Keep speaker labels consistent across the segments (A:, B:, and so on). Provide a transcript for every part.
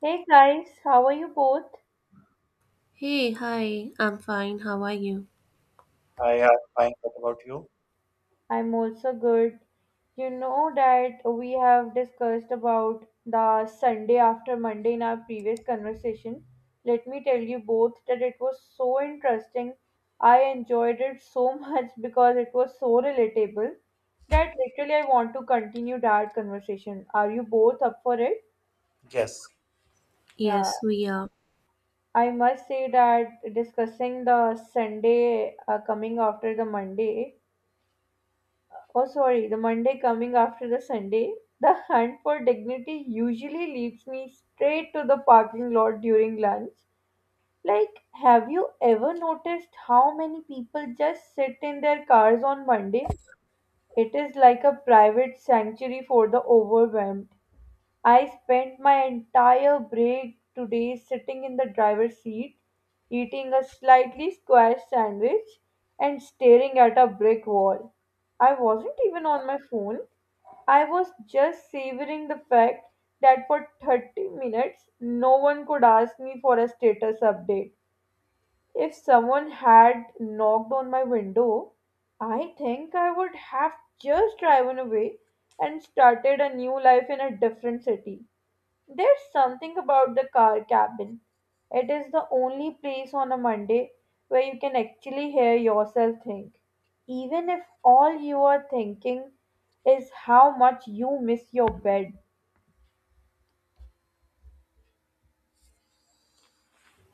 A: Hey guys, how are you both?
B: Hey, hi, I'm fine. How are you?
C: I am fine. What about you?
A: I'm also good. You know that we have discussed about the Sunday after Monday in our previous conversation. Let me tell you both that it was so interesting. I enjoyed it so much because it was so relatable that literally I want to continue that conversation. Are you both up for it?
C: Yes.
A: Yeah,
B: Yes, we are.
A: I must say that discussing the Sunday coming after the Monday. Oh, sorry, the Monday coming after the Sunday. The hunt for dignity usually leads me straight to the parking lot during lunch. Like, have you ever noticed how many people just sit in their cars on Monday? It is like a private sanctuary for the overwhelmed. I spent my entire break today sitting in the driver's seat, eating a slightly square sandwich, and staring at a brick wall. I wasn't even on my phone. I was just savoring the fact that for 30 minutes no one could ask me for a status update. If someone had knocked on my window, I think I would have just driven away and started a new life in a different city. There's something about the car cabin. It is the only place on a Monday where you can actually hear yourself think, even if all you are thinking is how much you miss your bed.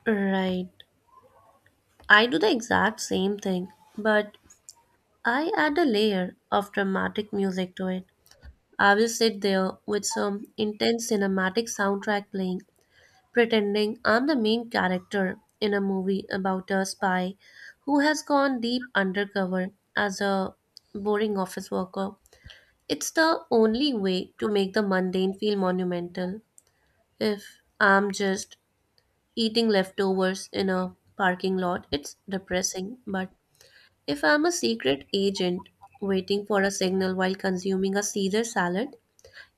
B: Right. I do the exact same thing, but I add a layer of dramatic music to it. I will sit there with some intense cinematic soundtrack playing, pretending I'm the main character in a movie about a spy who has gone deep undercover as a boring office worker. It's the only way to make the mundane feel monumental. If I'm just eating leftovers in a parking lot, it's depressing, but if I'm a secret agent waiting for a signal while consuming a Caesar salad,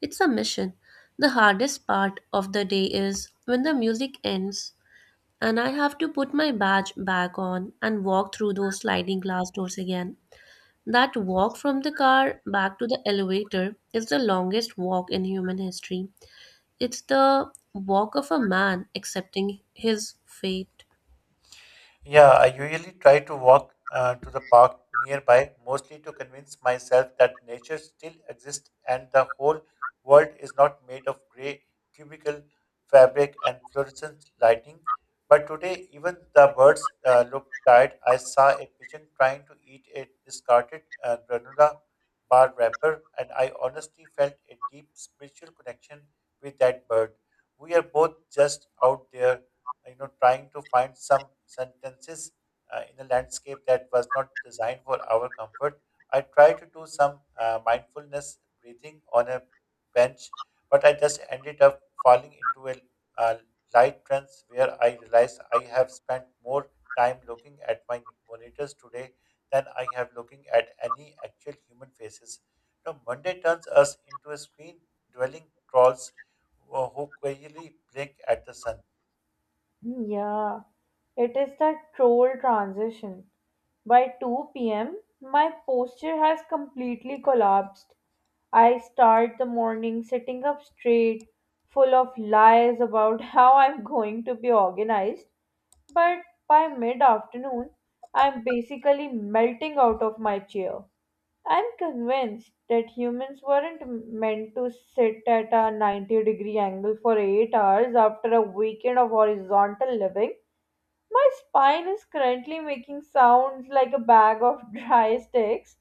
B: it's a mission. The hardest part of the day is when the music ends and I have to put my badge back on and walk through those sliding glass doors again. That walk from the car back to the elevator is the longest walk in human history. It's the walk of a man accepting his fate.
C: Yeah, I usually try to walk to the park nearby, mostly to convince myself that nature still exists and the whole world is not made of gray cubical fabric and fluorescent lighting. But today, even the birds look tired. I saw a pigeon trying to eat a discarded granola bar wrapper, and I honestly felt a deep spiritual connection with that bird. We are both just out there trying to find some sentences in a landscape that was not designed for our comfort. I tried to do some mindfulness breathing on a bench, but I just ended up falling into a uh, light trance where I realized I have spent more time looking at my monitors today than I have looking at any actual human faces. Now Monday turns us into a screen dwelling trolls who quietly blink at the sun.
A: Yeah, it is the troll transition. By 2 p.m., my posture has completely collapsed. I start the morning sitting up straight, full of lies about how I'm going to be organized. But by mid afternoon, I'm basically melting out of my chair. I'm convinced that humans weren't meant to sit at a 90-degree angle for 8 hours after a weekend of horizontal living. My spine is currently making sounds like a bag of dry sticks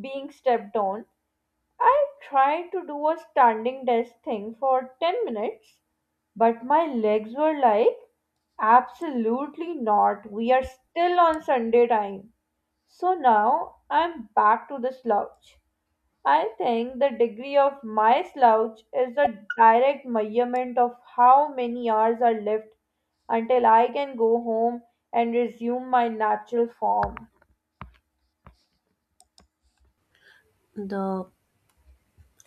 A: being stepped on. I tried to do a standing desk thing for 10 minutes, but my legs were like, absolutely not. We are still on Sunday time. So now I'm back to the slouch. I think the degree of my slouch is a direct measurement of how many hours are left until I can go home and resume my natural form.
B: The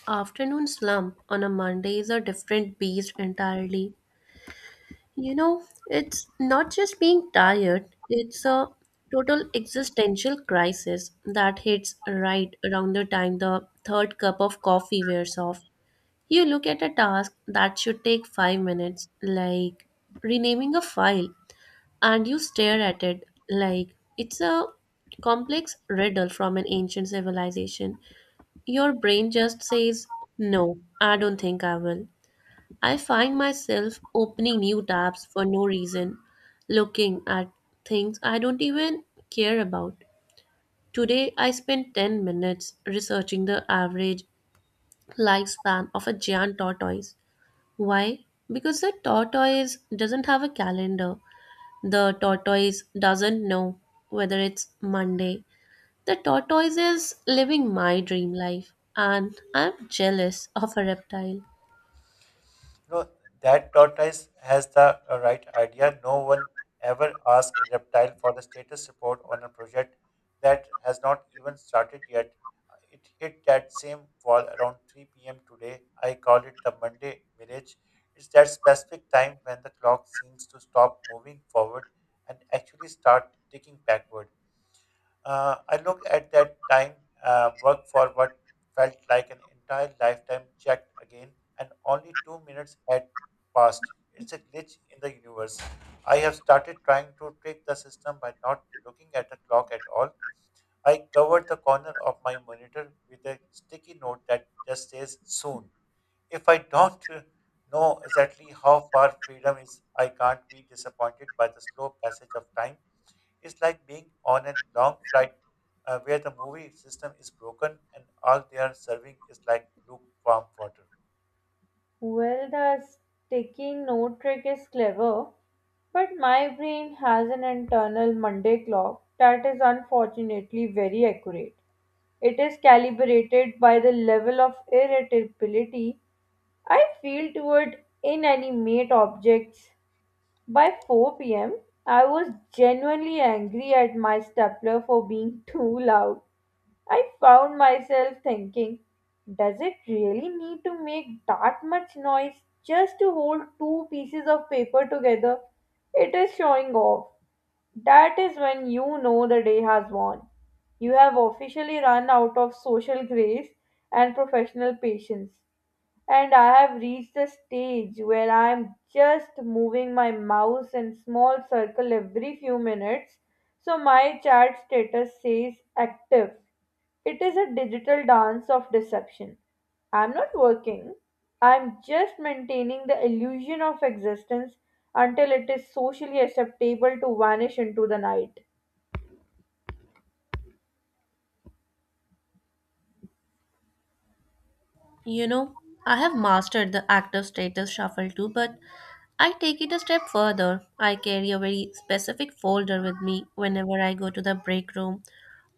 B: afternoon slump on a Monday is a different beast entirely. You know, it's not just being tired, it's a total existential crisis that hits right around the time the third cup of coffee wears off. You look at a task that should take five minutes, like renaming a file, and you stare at it like it's a complex riddle from an ancient civilization. Your brain just says, no, I don't think I will. I find myself opening new tabs for no reason, looking at things I don't even care about. Today, I spent 10 minutes researching the average lifespan of a giant tortoise. Why? Because the tortoise doesn't have a calendar. The tortoise doesn't know whether it's Monday. The tortoise is living my dream life, and I'm jealous of a reptile.
C: You know that tortoise has the right idea. No one ever asked a reptile for the status report on a project that has not even started yet. It hit that same wall around 3 p.m. today. I call it the Monday mirage. It's that specific time when the clock seems to stop moving forward and actually start ticking backward. I look at that time work for what felt like an entire lifetime, checked again, and only 2 minutes had passed. It's a glitch in the universe. I have started trying to trick the system by not looking at the clock at all. I covered the corner of my monitor with a sticky note that just says soon. If I don't know exactly how far freedom is, I can't be disappointed by the slow passage of time. It's like being on a long flight where the movie system is broken and all they are serving is like lukewarm water.
A: Well, the sticky note trick is clever, but my brain has an internal Monday clock that is unfortunately very accurate. It is calibrated by the level of irritability I feel toward inanimate objects. By 4 p.m., I was genuinely angry at my stapler for being too loud. I found myself thinking, does it really need to make that much noise just to hold two pieces of paper together? It is showing off. That is when you know the day has won. You have officially run out of social grace and professional patience, and I have reached the stage where I am just moving my mouse in small circle every few minutes. So my chat status says active. It is a digital dance of deception. I'm not working. I'm just maintaining the illusion of existence until it is socially acceptable to vanish into the night.
B: You know, I have mastered the active status shuffle too, but I take it a step further. I carry a very specific folder with me whenever I go to the break room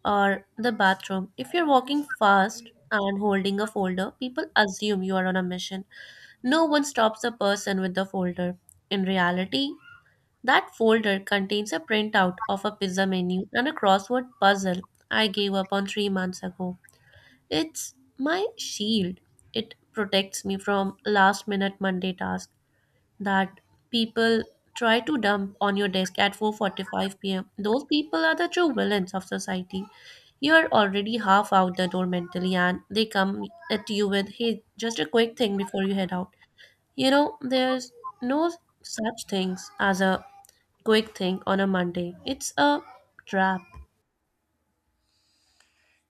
B: or the bathroom. If you're walking fast and holding a folder, people assume you are on a mission. No one stops a person with the folder. In reality, that folder contains a printout of a pizza menu and a crossword puzzle I gave up on three months ago. It's my shield. It protects me from last minute Monday tasks that people try to dump on your desk at 4:45 p.m. Those people are the true villains of society. You're already half out the door mentally and they come at you with, hey, just a quick thing before you head out. You know, there's no such things as a quick thing on a Monday. It's a trap.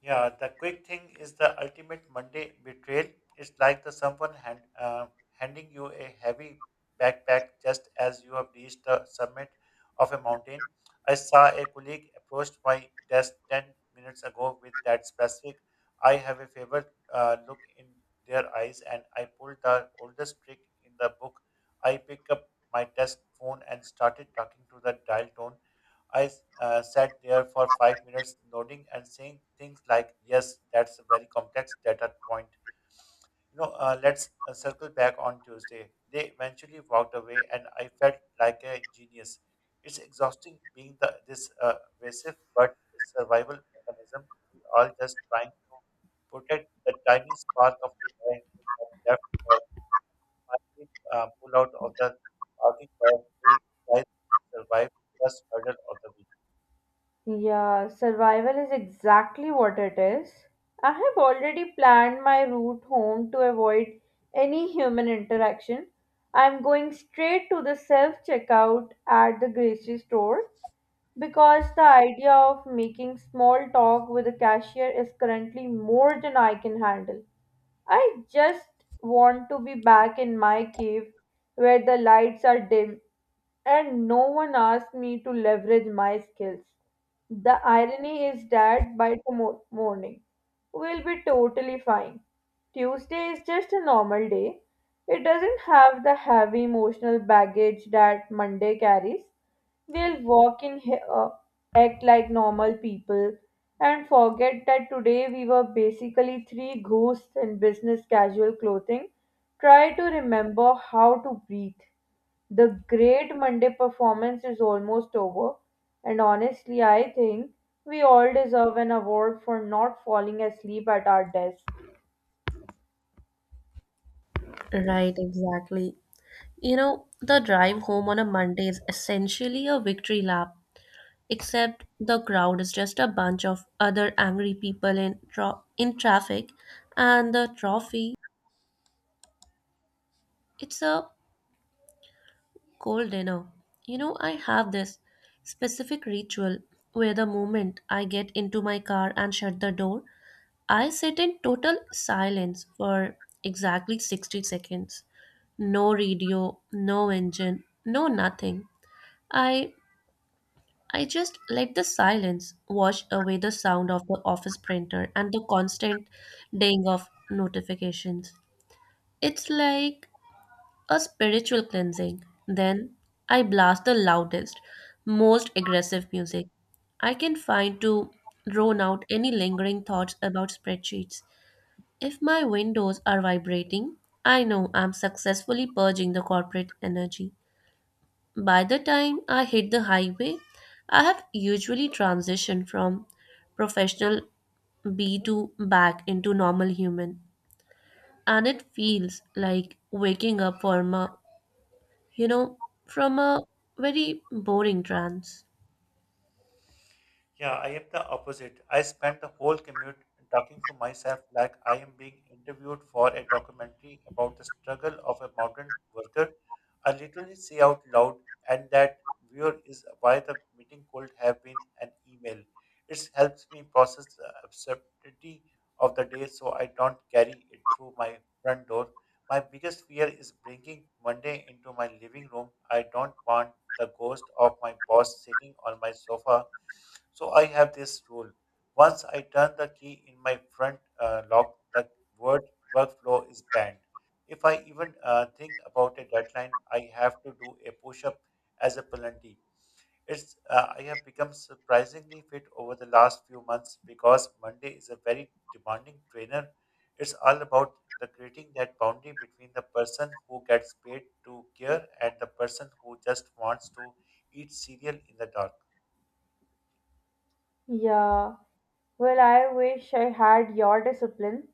C: Yeah, the quick thing is the ultimate Monday betrayal. It's like the handing you a heavy backpack just as you have reached the summit of a mountain. I saw a colleague approached my desk 10 minutes ago with that specific, I have a favored look in their eyes, and I pulled the oldest trick in the book. I picked up my desk phone and started talking to the dial tone. I sat there for 5 minutes, nodding and saying things like, "Yes, that's a very complex data point. You know, let's circle back on Tuesday." They eventually walked away, and I felt like a genius. It's exhausting being this evasive, but it's a survival mechanism. We all just trying to protect the tiny spark of life we have left, or finally pull out of the parking lot we try to survive the first hurdle of the.
A: Yeah, survival is exactly what it is. I have already planned my route home to avoid any human interaction. I'm going straight to the self checkout at the grocery store because the idea of making small talk with the cashier is currently more than I can handle. I just want to be back in my cave where the lights are dim and no one asks me to leverage my skills. The irony is that by tomorrow morning, we'll be totally fine. Tuesday is just a normal day. It doesn't have the heavy emotional baggage that Monday carries. We'll walk in here, act like normal people, and forget that today we were basically three ghosts in business casual clothing. Try to remember how to breathe. The great Monday performance is almost over, and honestly, I think we all deserve an award for not falling asleep at our desk.
B: Right, exactly. You know, the drive home on a Monday is essentially a victory lap, except the crowd is just a bunch of other angry people in traffic, and the trophy, it's a cold dinner. You know, I have this specific ritual where the moment I get into my car and shut the door, I sit in total silence for exactly 60 seconds. No radio, no engine, no nothing. I I just let the silence wash away the sound of the office printer and the constant ding of notifications. It's like a spiritual cleansing. Then I blast the loudest, most aggressive music I can find to drone out any lingering thoughts about spreadsheets. If my windows are vibrating, I know I'm successfully purging the corporate energy. By the time I hit the highway, I have usually transitioned from professional B to back into normal human. And it feels like waking up you know, from a very boring trance.
C: Yeah, I am the opposite. I spend the whole commute talking to myself like I am being interviewed for a documentary about the struggle of a mountain worker. I literally say out loud, and that viewer is why the meeting could have been an email. It helps me process the absurdity of the day so I don't carry it through my front door. My biggest fear is bringing Monday into my living room. I don't want the ghost of my boss sitting on my sofa, so I have this rule. Once I turn the key in my front lock, the word workflow is banned. If I even think about a deadline, I have to do a push-up as a penalty. It's I have become surprisingly fit over the last few months because Monday is a very demanding trainer. It's all about the creating that boundary between the person who gets paid to care and the person who just wants to eat cereal in the dark.
A: Yeah. Well, I wish I had your discipline,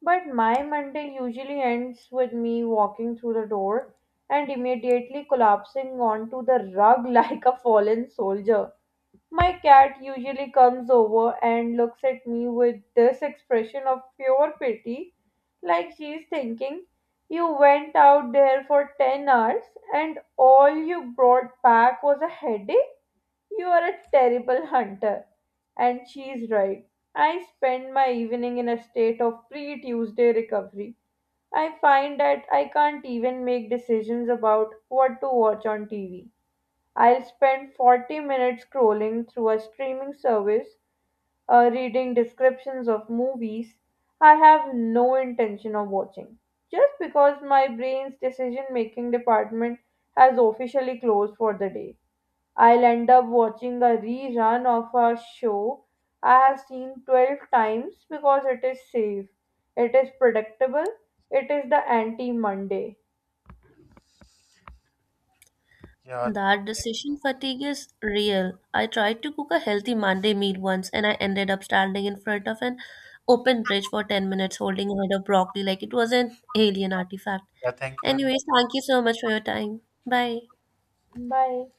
A: but my Monday usually ends with me walking through the door and immediately collapsing onto the rug like a fallen soldier. My cat usually comes over and looks at me with this expression of pure pity, like she's thinking, "You went out there for 10 hours and all you brought back was a headache? You are a terrible hunter." And she's right. I spend my evening in a state of pre Tuesday recovery. I find that I can't even make decisions about what to watch on TV. I'll spend 40 minutes scrolling through a streaming service, reading descriptions of movies I have no intention of watching, just because my brain's decision making department has officially closed for the day. I'll end up watching a rerun of a show I have seen 12 times because it is safe, it is predictable, it is the anti Monday.
C: Yeah,
B: That
C: thank
B: decision
C: you.
B: fatigue is real. I tried to cook a healthy Monday meal once and I ended up standing in front of an open fridge for 10 minutes holding a head of broccoli like it was an alien artifact.
C: Yeah, thank you very much.
B: Anyways, thank you so much for your time. Bye.
A: Bye.